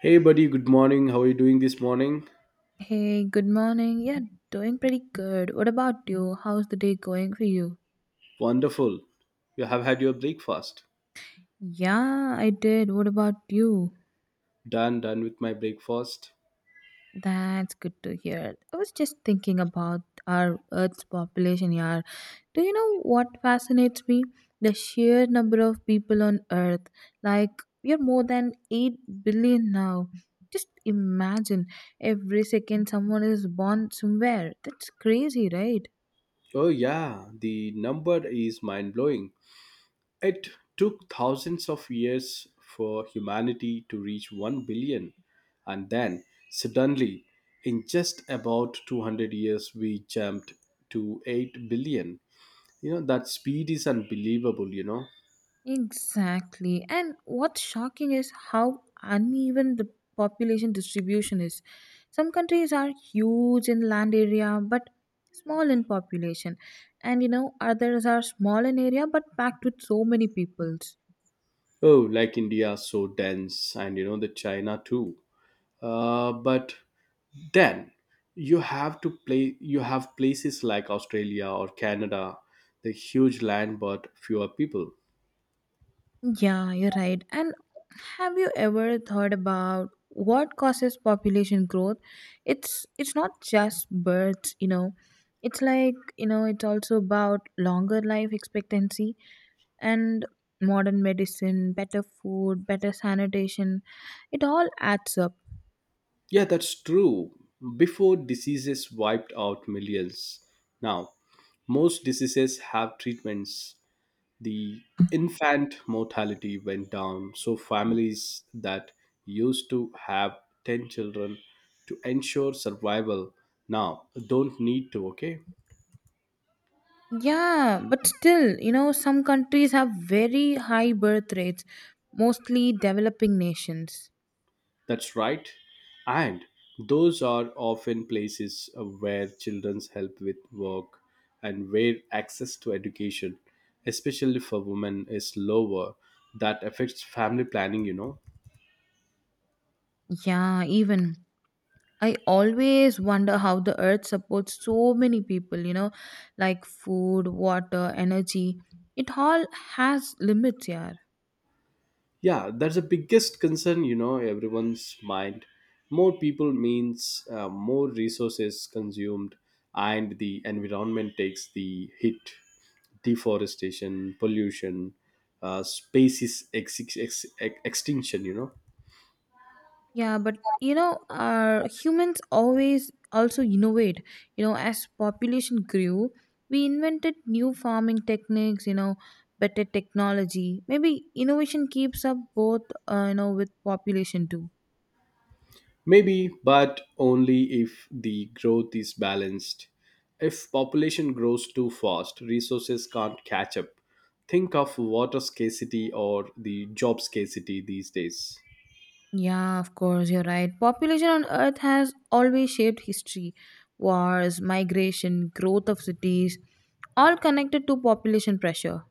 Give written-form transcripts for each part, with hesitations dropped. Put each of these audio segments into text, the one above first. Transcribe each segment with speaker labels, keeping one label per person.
Speaker 1: Hey, buddy, good morning. How are you doing this morning?
Speaker 2: Hey, good morning. Yeah, doing pretty good. What about you? How's the day going for you?
Speaker 1: Wonderful. You have had your breakfast.
Speaker 2: Yeah, I did. What about you?
Speaker 1: Done with my breakfast.
Speaker 2: That's good to hear. I was just thinking about our Earth's population, yeah. Do you know what fascinates me? The sheer number of people on Earth. Like, we are more than 8 billion now. Just imagine every second someone is born somewhere. That's crazy, right?
Speaker 1: Oh, yeah, the number is mind blowing. It took thousands of years for humanity to reach 1 billion. And then, suddenly, in just about 200 years, we jumped to 8 billion. That speed is unbelievable.
Speaker 2: Exactly. And what's shocking is how uneven the population distribution is. Some countries are huge in land area but small in population. And you know, others are small in area but packed with so many peoples.
Speaker 1: Oh, like India, so dense, and the China too. But then you have places like Australia or Canada. The huge land but fewer people.
Speaker 2: Yeah, you're right. And have you ever thought about what causes population growth? It's not just births, you know. It's like, you know, it's also about longer life expectancy and modern medicine, better food, better sanitation, it all adds up.
Speaker 1: Yeah, that's true. Before diseases wiped out millions. Now most diseases have treatments. The infant mortality went down, so families that used to have 10 children to ensure survival now don't need to. Okay.
Speaker 2: Yeah, but still, you know, some countries have very high birth rates, mostly developing nations.
Speaker 1: That's right. And those are often places where children's help with work and where access to education, especially for women, is lower. That affects family planning.
Speaker 2: Yeah, even. I always wonder how the earth supports so many people, you know, like food, water, energy. It all has limits, yeah.
Speaker 1: Yeah, that's the biggest concern, everyone's mind. More people means more resources consumed, and the environment takes the hit. Deforestation, pollution, species extinction.
Speaker 2: Yeah, but you know, humans always also innovate. You know, as population grew, we invented new farming techniques. You know, better technology. Maybe innovation keeps up both. You know, with population too.
Speaker 1: Maybe, but only if the growth is balanced. If population grows too fast, resources can't catch up. Think of water scarcity or the job scarcity these days.
Speaker 2: Yeah, of course, you're right. Population on Earth has always shaped history. Wars, migration, growth of cities, all connected to population pressure.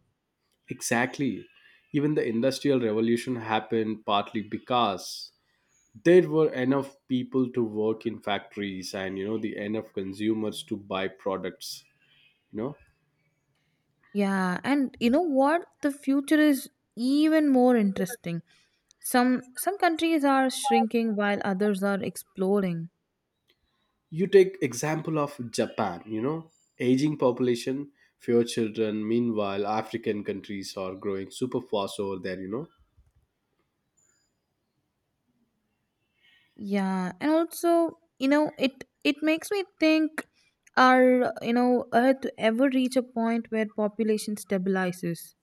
Speaker 1: Exactly. Even the Industrial Revolution happened partly because there were enough people to work in factories, and the enough consumers to buy products you know
Speaker 2: Yeah, and you know what? The future is even more interesting. Some countries are shrinking while others are exploding.
Speaker 1: you take example of Japan, aging population, fewer children. Meanwhile, African countries are growing super fast over there.
Speaker 2: Yeah, and also, you know, it makes me think are, you know, Earth ever reach a point where population stabilizes?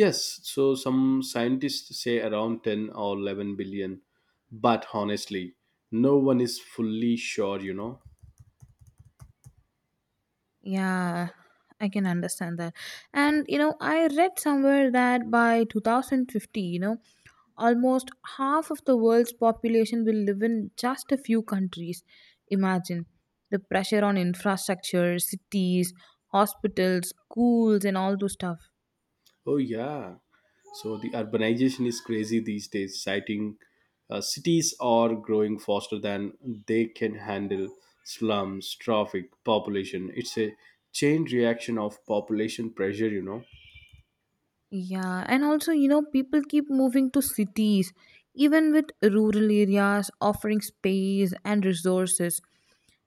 Speaker 1: Yes, so some scientists say around 10 or 11 billion. But honestly, no one is fully sure.
Speaker 2: Yeah, I can understand that. And you know, I read somewhere that by 2050, you know, almost half of the world's population will live in just a few countries. Imagine the pressure on infrastructure, cities, hospitals, schools, and all those stuff.
Speaker 1: Oh yeah. So the urbanization is crazy these days. Citing Cities are growing faster than they can handle. Slums, traffic, population. It's a chain reaction of population pressure.
Speaker 2: Yeah, and also, you know, people keep moving to cities, even with rural areas offering space and resources.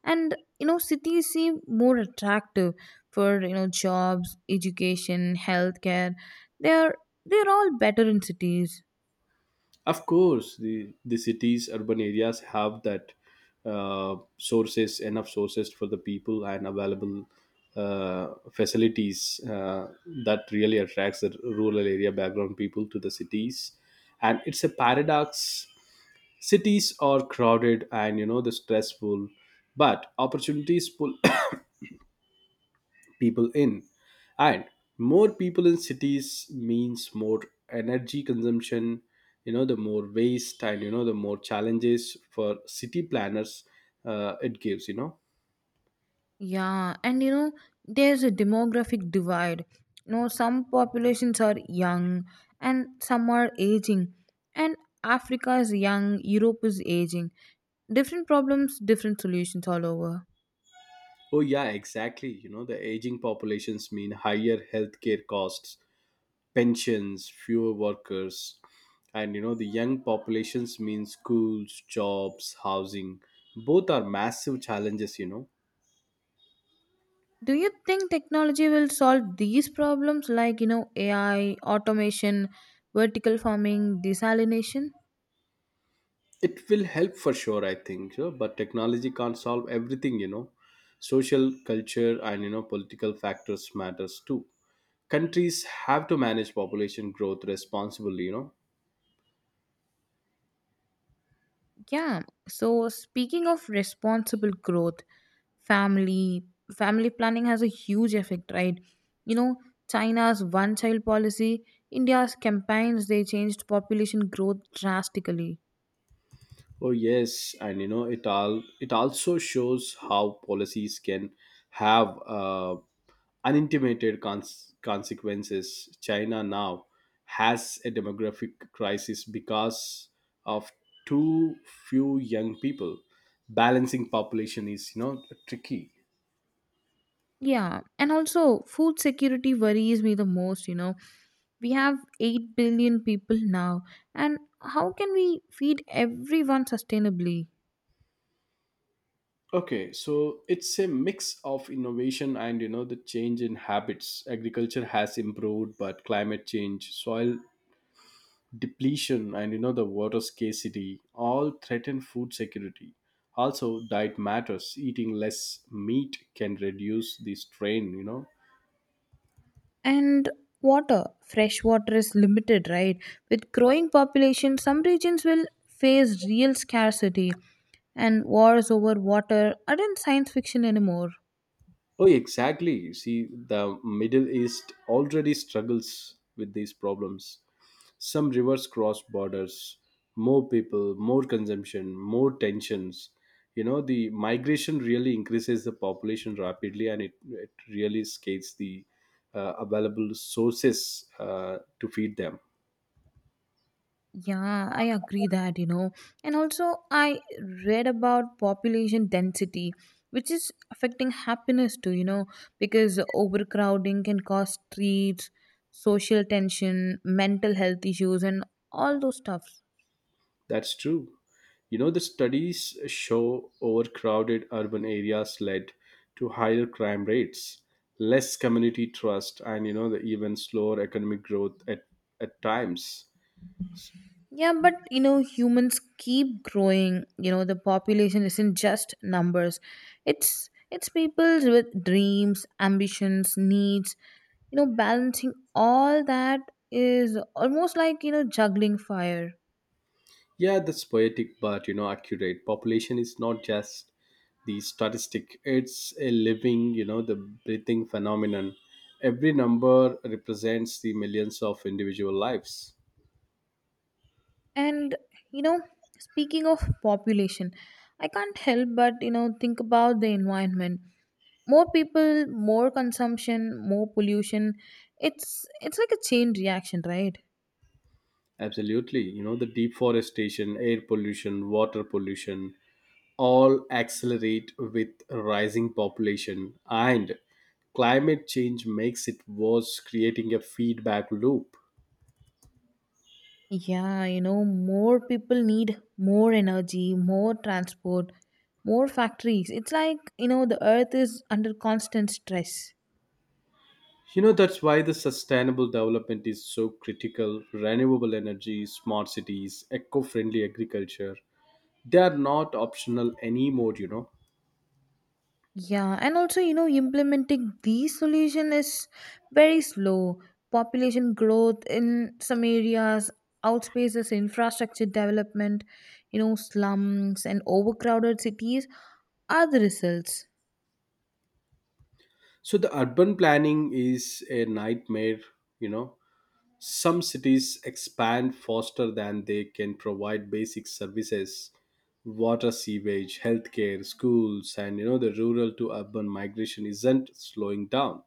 Speaker 2: And, you know, cities seem more attractive for, you know, jobs, education, healthcare. They're they're all better in cities.
Speaker 1: Of course, the cities, urban areas have that sources, enough sources for the people and available uh, facilities that really attracts the rural area background people to the cities. And it's a paradox. Cities are crowded and the stressful, but opportunities pull people in. And more people in cities means more energy consumption, the more waste and, the more challenges for city planners it gives.
Speaker 2: Yeah, and you know, there's a demographic divide. You know, some populations are young and some are aging. And Africa is young, Europe is aging. Different problems, different solutions all over.
Speaker 1: Oh, yeah, exactly. The aging populations mean higher healthcare costs, pensions, fewer workers. And you know the young populations mean schools, jobs, housing. Both are massive challenges.
Speaker 2: Do you think technology will solve these problems like, you know, AI, automation, vertical farming, desalination?
Speaker 1: It will help for sure, I think. Sure, but technology can't solve everything. Social culture and, political factors matters too. Countries have to manage population growth responsibly.
Speaker 2: Yeah. So speaking of responsible growth, family family planning has a huge effect, right? You know, China's one child policy, India's campaigns they changed population growth drastically.
Speaker 1: Oh yes, and you know it all. It also shows how policies can have unintimidated consequences. China now has a demographic crisis because of too few young people. Balancing population is tricky.
Speaker 2: Yeah. And also food security worries me the most, you know. We have 8 billion people now and how can we feed everyone sustainably?
Speaker 1: Okay, so it's a mix of innovation and the change in habits. Agriculture has improved, but climate change, soil depletion and the water scarcity all threaten food security. Also diet matters. Eating less meat can reduce the strain.
Speaker 2: And water, fresh water is limited, right? With growing population some regions will face real scarcity, and wars over water aren't science fiction anymore.
Speaker 1: Oh, exactly. See, the Middle East already struggles with these problems. Some rivers cross borders, more people, more consumption, more tensions. The migration really increases the population rapidly, and it really scales the available sources to feed them.
Speaker 2: Yeah, I agree that, you know. And also I read about population density which is affecting happiness too, you know, because overcrowding can cause streets, social tension, mental health issues, and all those stuff.
Speaker 1: That's true. The studies show overcrowded urban areas led to higher crime rates, less community trust, and, the even slower economic growth at, times.
Speaker 2: Yeah, but you know, humans keep growing. You know, the population isn't just numbers. It's people with dreams, ambitions, needs. You know, balancing all that is almost like, you know, juggling fire.
Speaker 1: Yeah, that's poetic, but accurate. Population is not just the statistic; it's a living, the breathing phenomenon. Every number represents the millions of individual lives.
Speaker 2: And you know, speaking of population, I can't help but, you know, think about the environment. More people, more consumption, more pollution. It's like a chain reaction, right?
Speaker 1: Absolutely, the deforestation, air pollution, water pollution, all accelerate with rising population, and climate change makes it worse, creating a feedback loop.
Speaker 2: Yeah, you know, more people need more energy, more transport, more factories. It's like, you know, the earth is under constant stress.
Speaker 1: That's why the sustainable development is so critical. Renewable energy, smart cities, eco friendly agriculture, they are not optional anymore.
Speaker 2: Yeah, and also, you know, implementing these solution is very slow. Population growth in some areas outspaces infrastructure development, you know, slums and overcrowded cities are the results.
Speaker 1: So the urban planning is a nightmare, you know. Some cities expand faster than they can provide basic services: water, sewage, healthcare, schools. And the rural to urban migration isn't slowing down.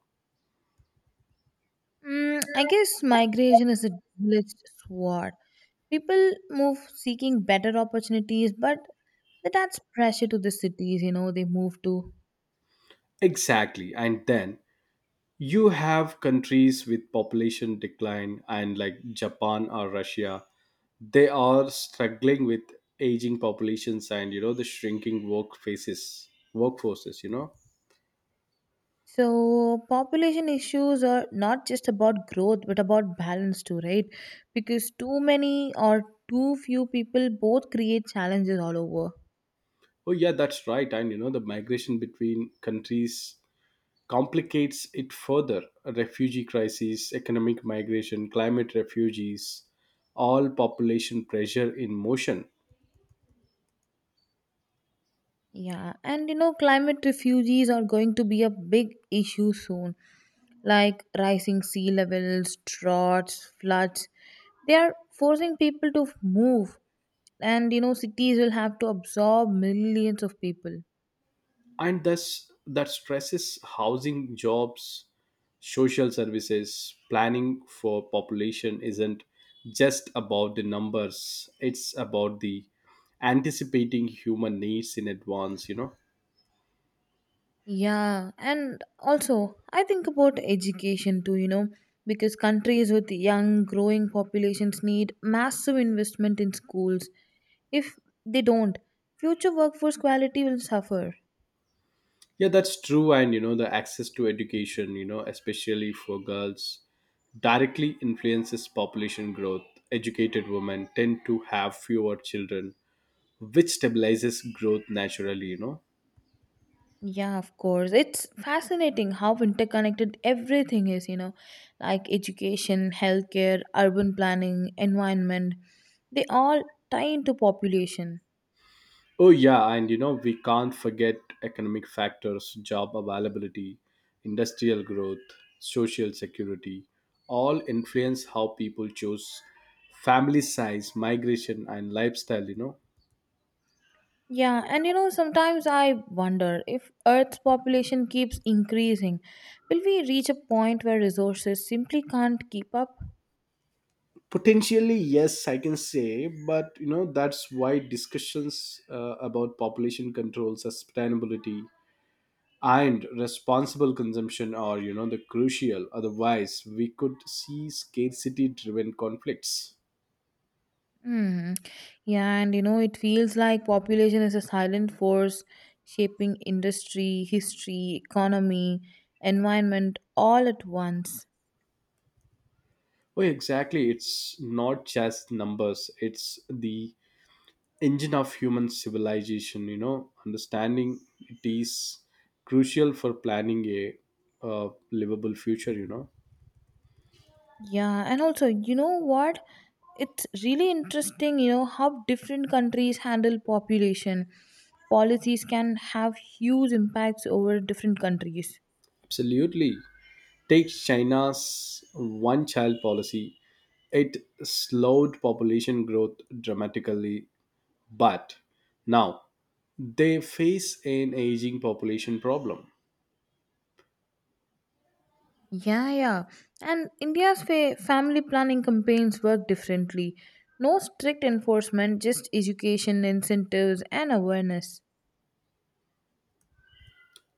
Speaker 2: Mm, I guess migration is a double-edged sword. People move seeking better opportunities, but that adds pressure to the cities, you know, they move to.
Speaker 1: Exactly, and then you have countries with population decline, and like Japan or Russia, they are struggling with aging populations and, the shrinking workforces.
Speaker 2: So, population issues are not just about growth, but about balance too, right? Because too many or too few people both create challenges all over.
Speaker 1: Oh yeah, that's right. And the migration between countries complicates it further. A refugee crisis, economic migration, climate refugees, all population pressure in motion.
Speaker 2: Yeah, and you know, climate refugees are going to be a big issue soon, like rising sea levels, droughts, floods. They are forcing people to move. And you know, cities will have to absorb millions of people.
Speaker 1: And thus that stresses housing, jobs, social services. Planning for population isn't just about the numbers. It's about the anticipating human needs in advance.
Speaker 2: Yeah, and also I think about education too, you know, because countries with young growing populations need massive investment in schools. If they don't, future workforce quality will suffer.
Speaker 1: Yeah, that's true. And the access to education, especially for girls, directly influences population growth. Educated women tend to have fewer children, which stabilizes growth naturally.
Speaker 2: Yeah, of course, it's fascinating how interconnected everything is, you know, like education, healthcare, urban planning, environment, they all tie into population.
Speaker 1: Oh yeah, and we can't forget economic factors, job availability, industrial growth, social security, all influence how people choose family size, migration and lifestyle.
Speaker 2: Yeah, and you know, sometimes I wonder if Earth's population keeps increasing, will we reach a point where resources simply can't keep up?
Speaker 1: Potentially yes, I can say, but that's why discussions about population control, sustainability and responsible consumption are, the crucial otherwise we could see scarcity driven conflicts.
Speaker 2: Hmm. Yeah, and you know, it feels like population is a silent force shaping industry, history, economy, environment all at once.
Speaker 1: Oh, exactly. It's not just numbers, it's the engine of human civilization. Understanding it is crucial for planning a livable future.
Speaker 2: Yeah, and also, you know what? It's really interesting, you know, how different countries handle population. Policies can have huge impacts over different countries.
Speaker 1: Absolutely. Take China's one child policy, it slowed population growth dramatically, but now they face an aging population problem.
Speaker 2: Yeah, yeah. And India's family planning campaigns work differently. No strict enforcement, just education, incentives, and awareness.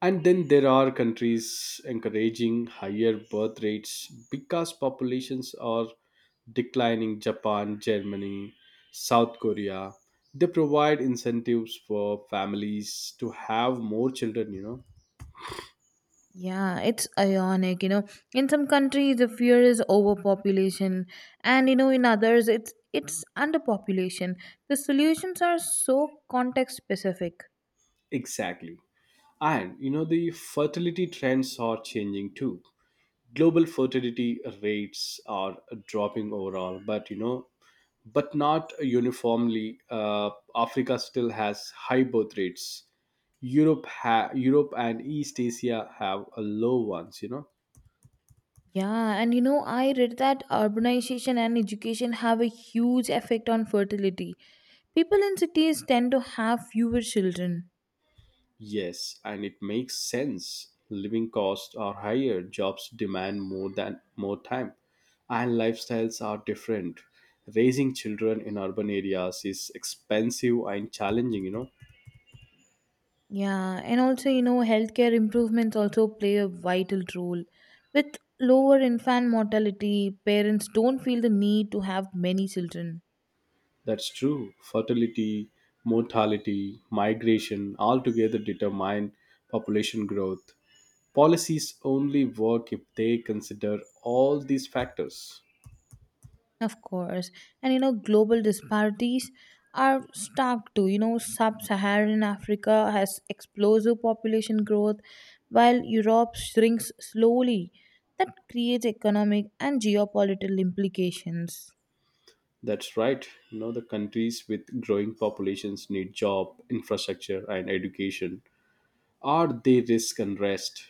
Speaker 1: And then there are countries encouraging higher birth rates because populations are declining. Japan, Germany, South Korea. They provide incentives for families to have more children.
Speaker 2: Yeah, it's ironic, you know. In some countries the fear is overpopulation and you know in others it's underpopulation. The solutions are so context specific.
Speaker 1: Exactly. And the fertility trends are changing too. Global fertility rates are dropping overall, but you know but not uniformly. Africa still has high birth rates. Europe Europe and East Asia have a low ones.
Speaker 2: Yeah, and you know I read that urbanization and education have a huge effect on fertility. People in cities tend to have fewer children.
Speaker 1: Yes, and it makes sense. Living costs are higher, jobs demand more than more time, and lifestyles are different. Raising children in urban areas is expensive and challenging.
Speaker 2: Yeah, and also, you know, healthcare improvements also play a vital role. With lower infant mortality, parents don't feel the need to have many children.
Speaker 1: That's true. Fertility, mortality, migration all together determine population growth. Policies only work if they consider all these factors.
Speaker 2: Of course. And, you know, global disparities are stark too. You know, sub Saharan Africa has explosive population growth, while Europe shrinks slowly. That creates economic and geopolitical implications.
Speaker 1: That's right. The countries with growing populations need job, infrastructure, and education, or they risk unrest.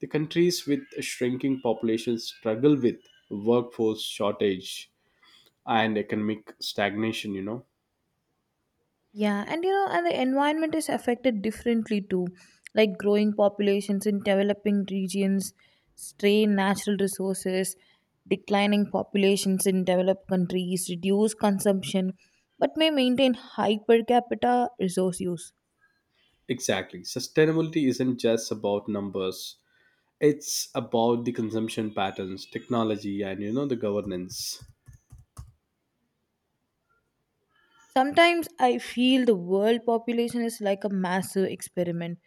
Speaker 1: The countries with shrinking populations struggle with workforce shortage and economic stagnation.
Speaker 2: Yeah, and you know, and the environment is affected differently too. Like growing populations in developing regions strain natural resources, declining populations in developed countries reduce consumption but may maintain high per capita resource use.
Speaker 1: Exactly. Sustainability isn't just about numbers. It's about the consumption patterns, technology and the governance.
Speaker 2: Sometimes I feel the world population is like a massive experiment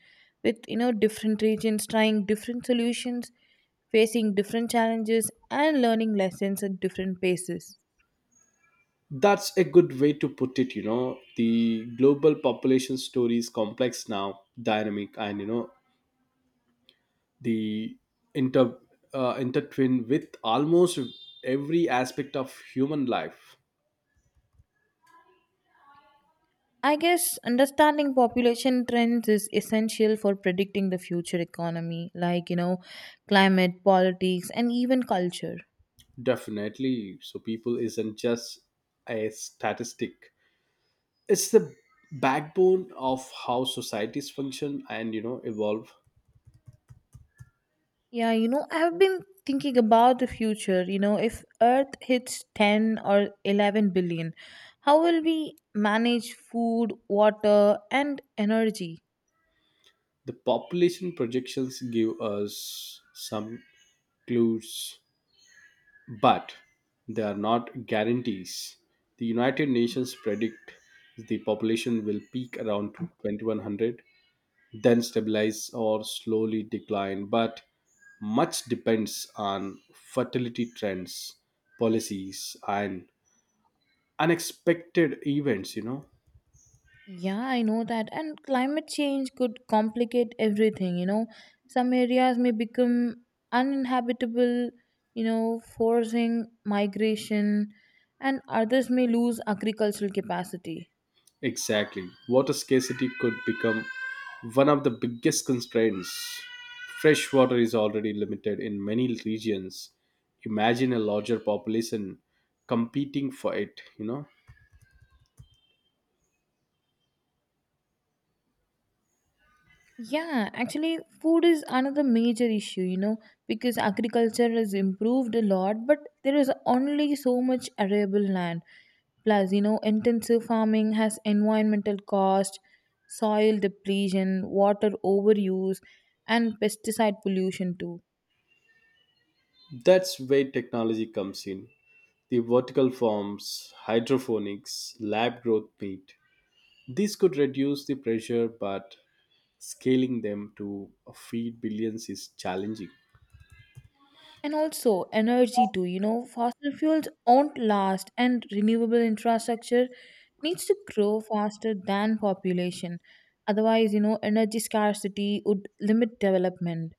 Speaker 2: with, you know, different regions trying different solutions, facing different challenges and learning lessons at different paces.
Speaker 1: That's a good way to put it. The global population story is complex now, dynamic and the inter intertwined with almost every aspect of human life.
Speaker 2: I guess understanding population trends is essential for predicting the future economy, like, you know, climate, politics, and even culture.
Speaker 1: Definitely. So people isn't just a statistic. It's the backbone of how societies function and evolve.
Speaker 2: Yeah, you know, I've been thinking about the future. You know, if Earth hits 10 or 11 billion, how will we manage food, water, and energy?
Speaker 1: The population projections give us some clues, but they are not guarantees. The United Nations predict the population will peak around to 2100, then stabilize or slowly decline, but much depends on fertility trends, policies, and unexpected events.
Speaker 2: Yeah, I know that. And climate change could complicate everything, you know. Some areas may become uninhabitable, you know, forcing migration, and others may lose agricultural capacity.
Speaker 1: Exactly. Water scarcity could become one of the biggest constraints. Fresh water is already limited in many regions. Imagine a larger population competing for it.
Speaker 2: Yeah, actually, food is another major issue, you know, because agriculture has improved a lot, but there is only so much arable land. Plus, you know, intensive farming has environmental cost, soil depletion, water overuse, and pesticide pollution too.
Speaker 1: That's where technology comes in. The vertical farms, hydroponics, lab growth meat. These could reduce the pressure, but scaling them to feed billions is challenging.
Speaker 2: And also energy too, you know. Fossil fuels won't last and renewable infrastructure needs to grow faster than population, otherwise, you know, energy scarcity would limit development.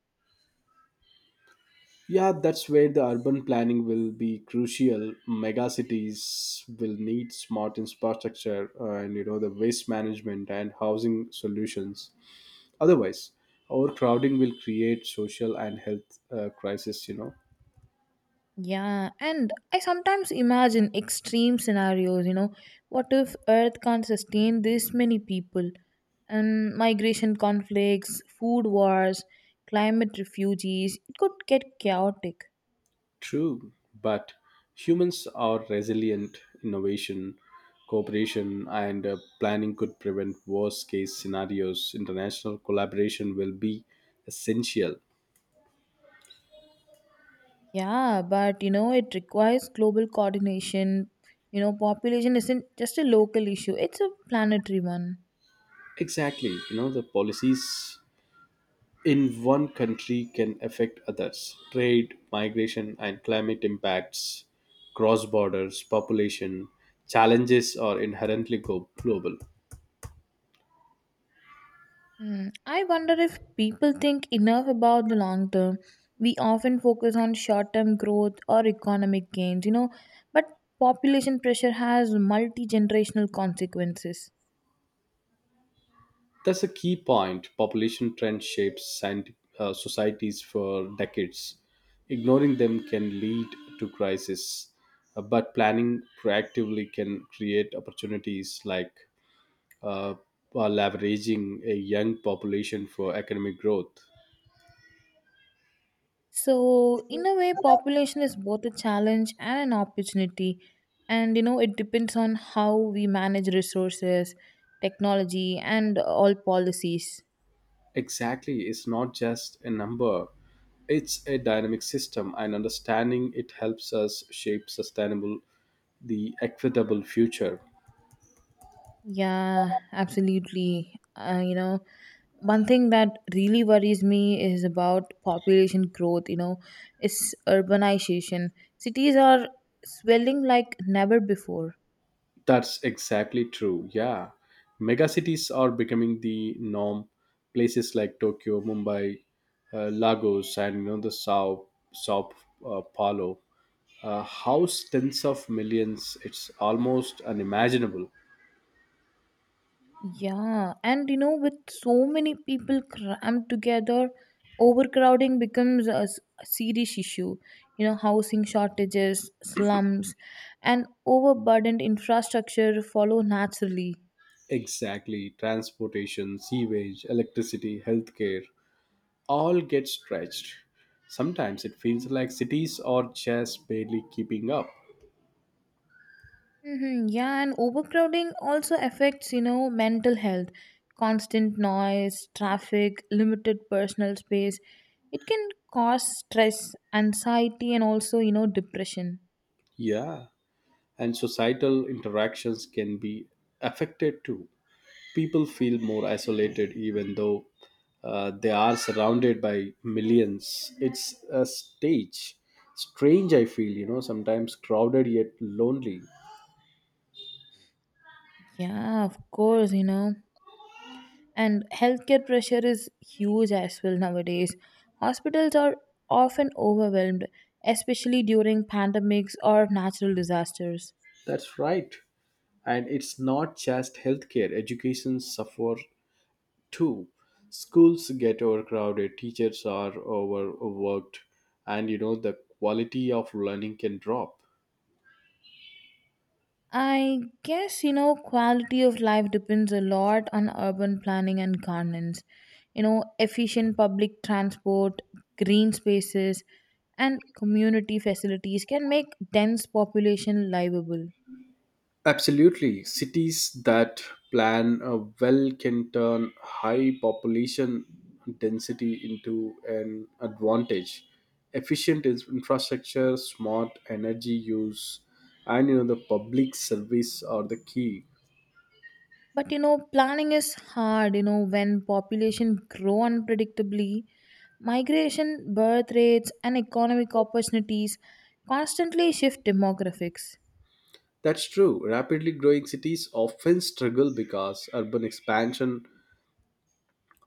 Speaker 1: Yeah, that's where the urban planning will be crucial. Megacities will need smart infrastructure and the waste management and housing solutions. Otherwise, overcrowding will create social and health crisis.
Speaker 2: Yeah, and I sometimes imagine extreme scenarios, you know. What if earth can't sustain this many people, and migration conflicts, food wars, climate refugees, it could get chaotic.
Speaker 1: True, but humans are resilient. Innovation, cooperation, and planning could prevent worst-case scenarios. International collaboration will be essential.
Speaker 2: Yeah, but you know, it requires global coordination. You know, population isn't just a local issue, it's a planetary one.
Speaker 1: Exactly, the policies in one country can affect others. Trade, migration, and climate impacts cross borders, population challenges are inherently global.
Speaker 2: Hmm. I wonder if people think enough about the long term. We often focus on short term growth or economic gains, you know, but population pressure has multi generational consequences.
Speaker 1: That's a key point. Population trend shapes societies for decades. Ignoring them can lead to crisis, but planning proactively can create opportunities like uh, leveraging a young population for economic growth.
Speaker 2: So, in a way, population is both a challenge and an opportunity. And you know, it depends on how we manage resources, technology, and all policies.
Speaker 1: Exactly, it's not just a number, it's a dynamic system, and understanding it helps us shape sustainable, the equitable future.
Speaker 2: Yeah, absolutely. You know, one thing that really worries me is about population growth, you know, is urbanization. Cities are swelling like never before.
Speaker 1: That's exactly true. Yeah. Megacities are becoming the norm. Places like Tokyo, Mumbai, Lagos, and the Sao Sao Paulo house tens of millions. It's almost unimaginable.
Speaker 2: Yeah, and you know, with so many people crammed together, overcrowding becomes a serious issue. You know, housing shortages, slums, and overburdened infrastructure follow naturally.
Speaker 1: Exactly. Transportation, sewage, electricity, healthcare, all get stretched. Sometimes it feels like cities are just barely keeping up.
Speaker 2: Hmm, yeah, and overcrowding also affects, you know, mental health. Constant noise, traffic, limited personal space. It can cause stress, anxiety, and also, you know, depression.
Speaker 1: Yeah, and societal interactions can be affected too. People feel more isolated even though they are surrounded by millions. It's a stage. Strange, I feel, sometimes crowded yet lonely.
Speaker 2: Yeah, of course, you know. And healthcare pressure is huge as well nowadays. Hospitals are often overwhelmed, especially during pandemics or natural disasters.
Speaker 1: That's right. And it's not just healthcare, education suffer two, schools get overcrowded, teachers are overworked, and the quality of learning can drop.
Speaker 2: I guess, you know, quality of life depends a lot on urban planning and governance. You know, efficient public transport, green spaces, and community facilities can make dense population livable.
Speaker 1: Absolutely. Cities that plan well can turn high population density into an advantage. Efficient infrastructure, smart energy use, and the public service are the key.
Speaker 2: But you know, planning is hard, you know, when population grow unpredictably, migration, birth rates and economic opportunities constantly shift demographics.
Speaker 1: That's true. Rapidly growing cities often struggle because urban expansion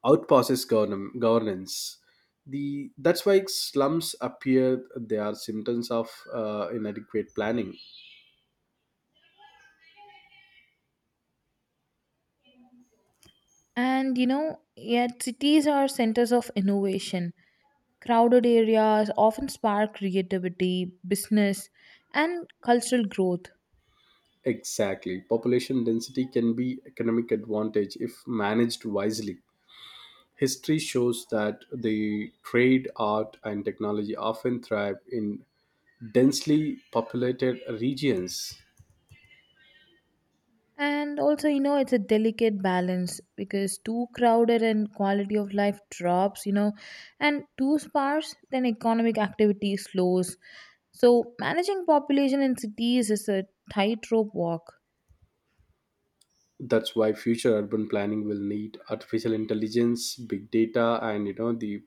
Speaker 1: outpasses governance. The That's why slums appear. They are symptoms of inadequate planning.
Speaker 2: And you know, yet cities are centers of innovation. Crowded areas often spark creativity, business and cultural growth.
Speaker 1: Exactly, population density can be economic advantage if managed wisely. History shows that the trade, art, and technology often thrive in densely populated regions.
Speaker 2: And also, you know, it's a delicate balance because too crowded and quality of life drops, you know, and too sparse then economic activity slows. So managing population in cities is a tightrope walk.
Speaker 1: That's why future urban planning will need artificial intelligence, big data, and the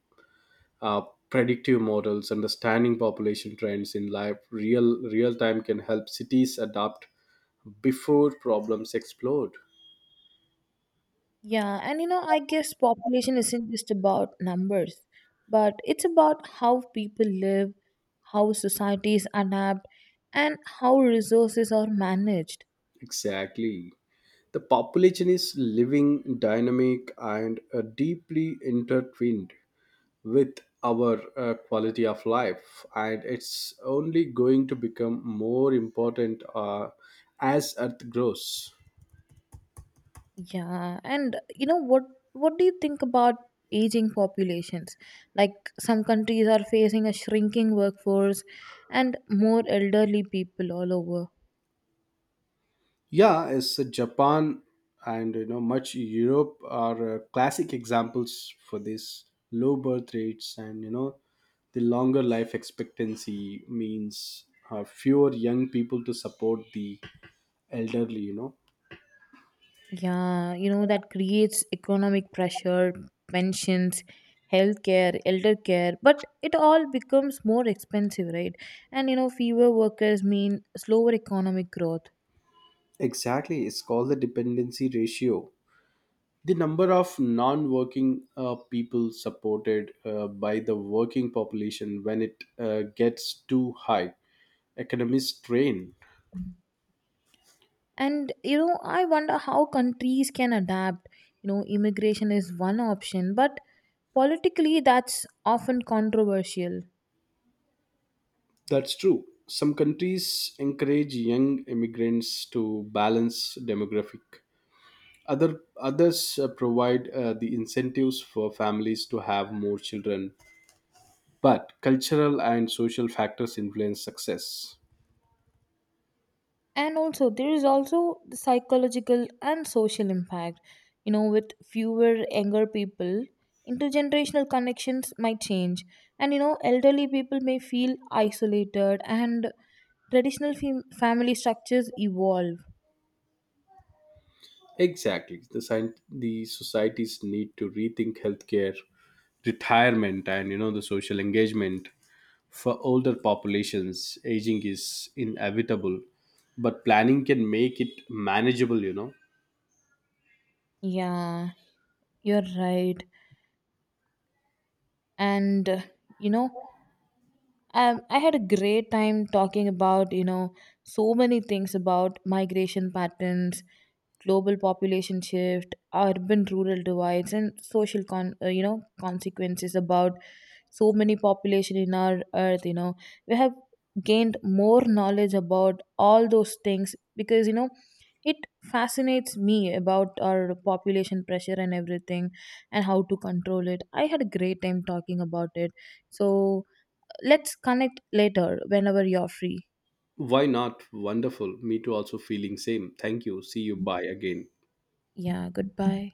Speaker 1: uh, predictive models understanding population trends in live real time can help cities adapt before problems explode.
Speaker 2: Yeah, and you know, I guess population isn't just about numbers, but it's about how people live, how societies adapt, and how resources are managed.
Speaker 1: Exactly, the population is living, dynamic, and deeply intertwined with our quality of life, and it's only going to become more important as Earth grows.
Speaker 2: Yeah, and you know what do you think about aging populations? Like some countries are facing a shrinking workforce and more elderly people all over.
Speaker 1: Yeah, as Japan and much Europe are classic examples for this low birth rates and the longer life expectancy means fewer young people to support the elderly.
Speaker 2: Yeah, you know that creates economic pressure, pensions, healthcare, elder care, but it all becomes more expensive, right? And you know fewer workers mean slower economic growth.
Speaker 1: Exactly, it's called the dependency ratio, the number of non-working people supported by the working population. When it gets too high, economists strain.
Speaker 2: And you know I wonder how countries can adapt, you know. Immigration is one option but politically that's often controversial.
Speaker 1: That's true. Some countries encourage young immigrants to balance demographic. Others provide the incentives for families to have more children. But cultural and social factors influence success.
Speaker 2: And also there is also the psychological and social impact, you know, with fewer younger people, intergenerational connections might change, and you know elderly people may feel isolated and traditional family structures evolve.
Speaker 1: Exactly. The societies need to rethink healthcare, retirement, and the social engagement for older populations. Aging is inevitable, but planning can make it manageable.
Speaker 2: Yeah, you're right. And you know, I had a great time talking about, you know, so many things about migration patterns, global population shift, urban-rural divides, and social you know, consequences about so many population in our earth. You know, we have gained more knowledge about all those things because you know it fascinates me about our population pressure and everything and how to control it. I had a great time talking about it. So let's connect later whenever you're free.
Speaker 1: Why not? Wonderful. Me too, also feeling same. Thank you. See you. Bye again.
Speaker 2: Yeah, goodbye.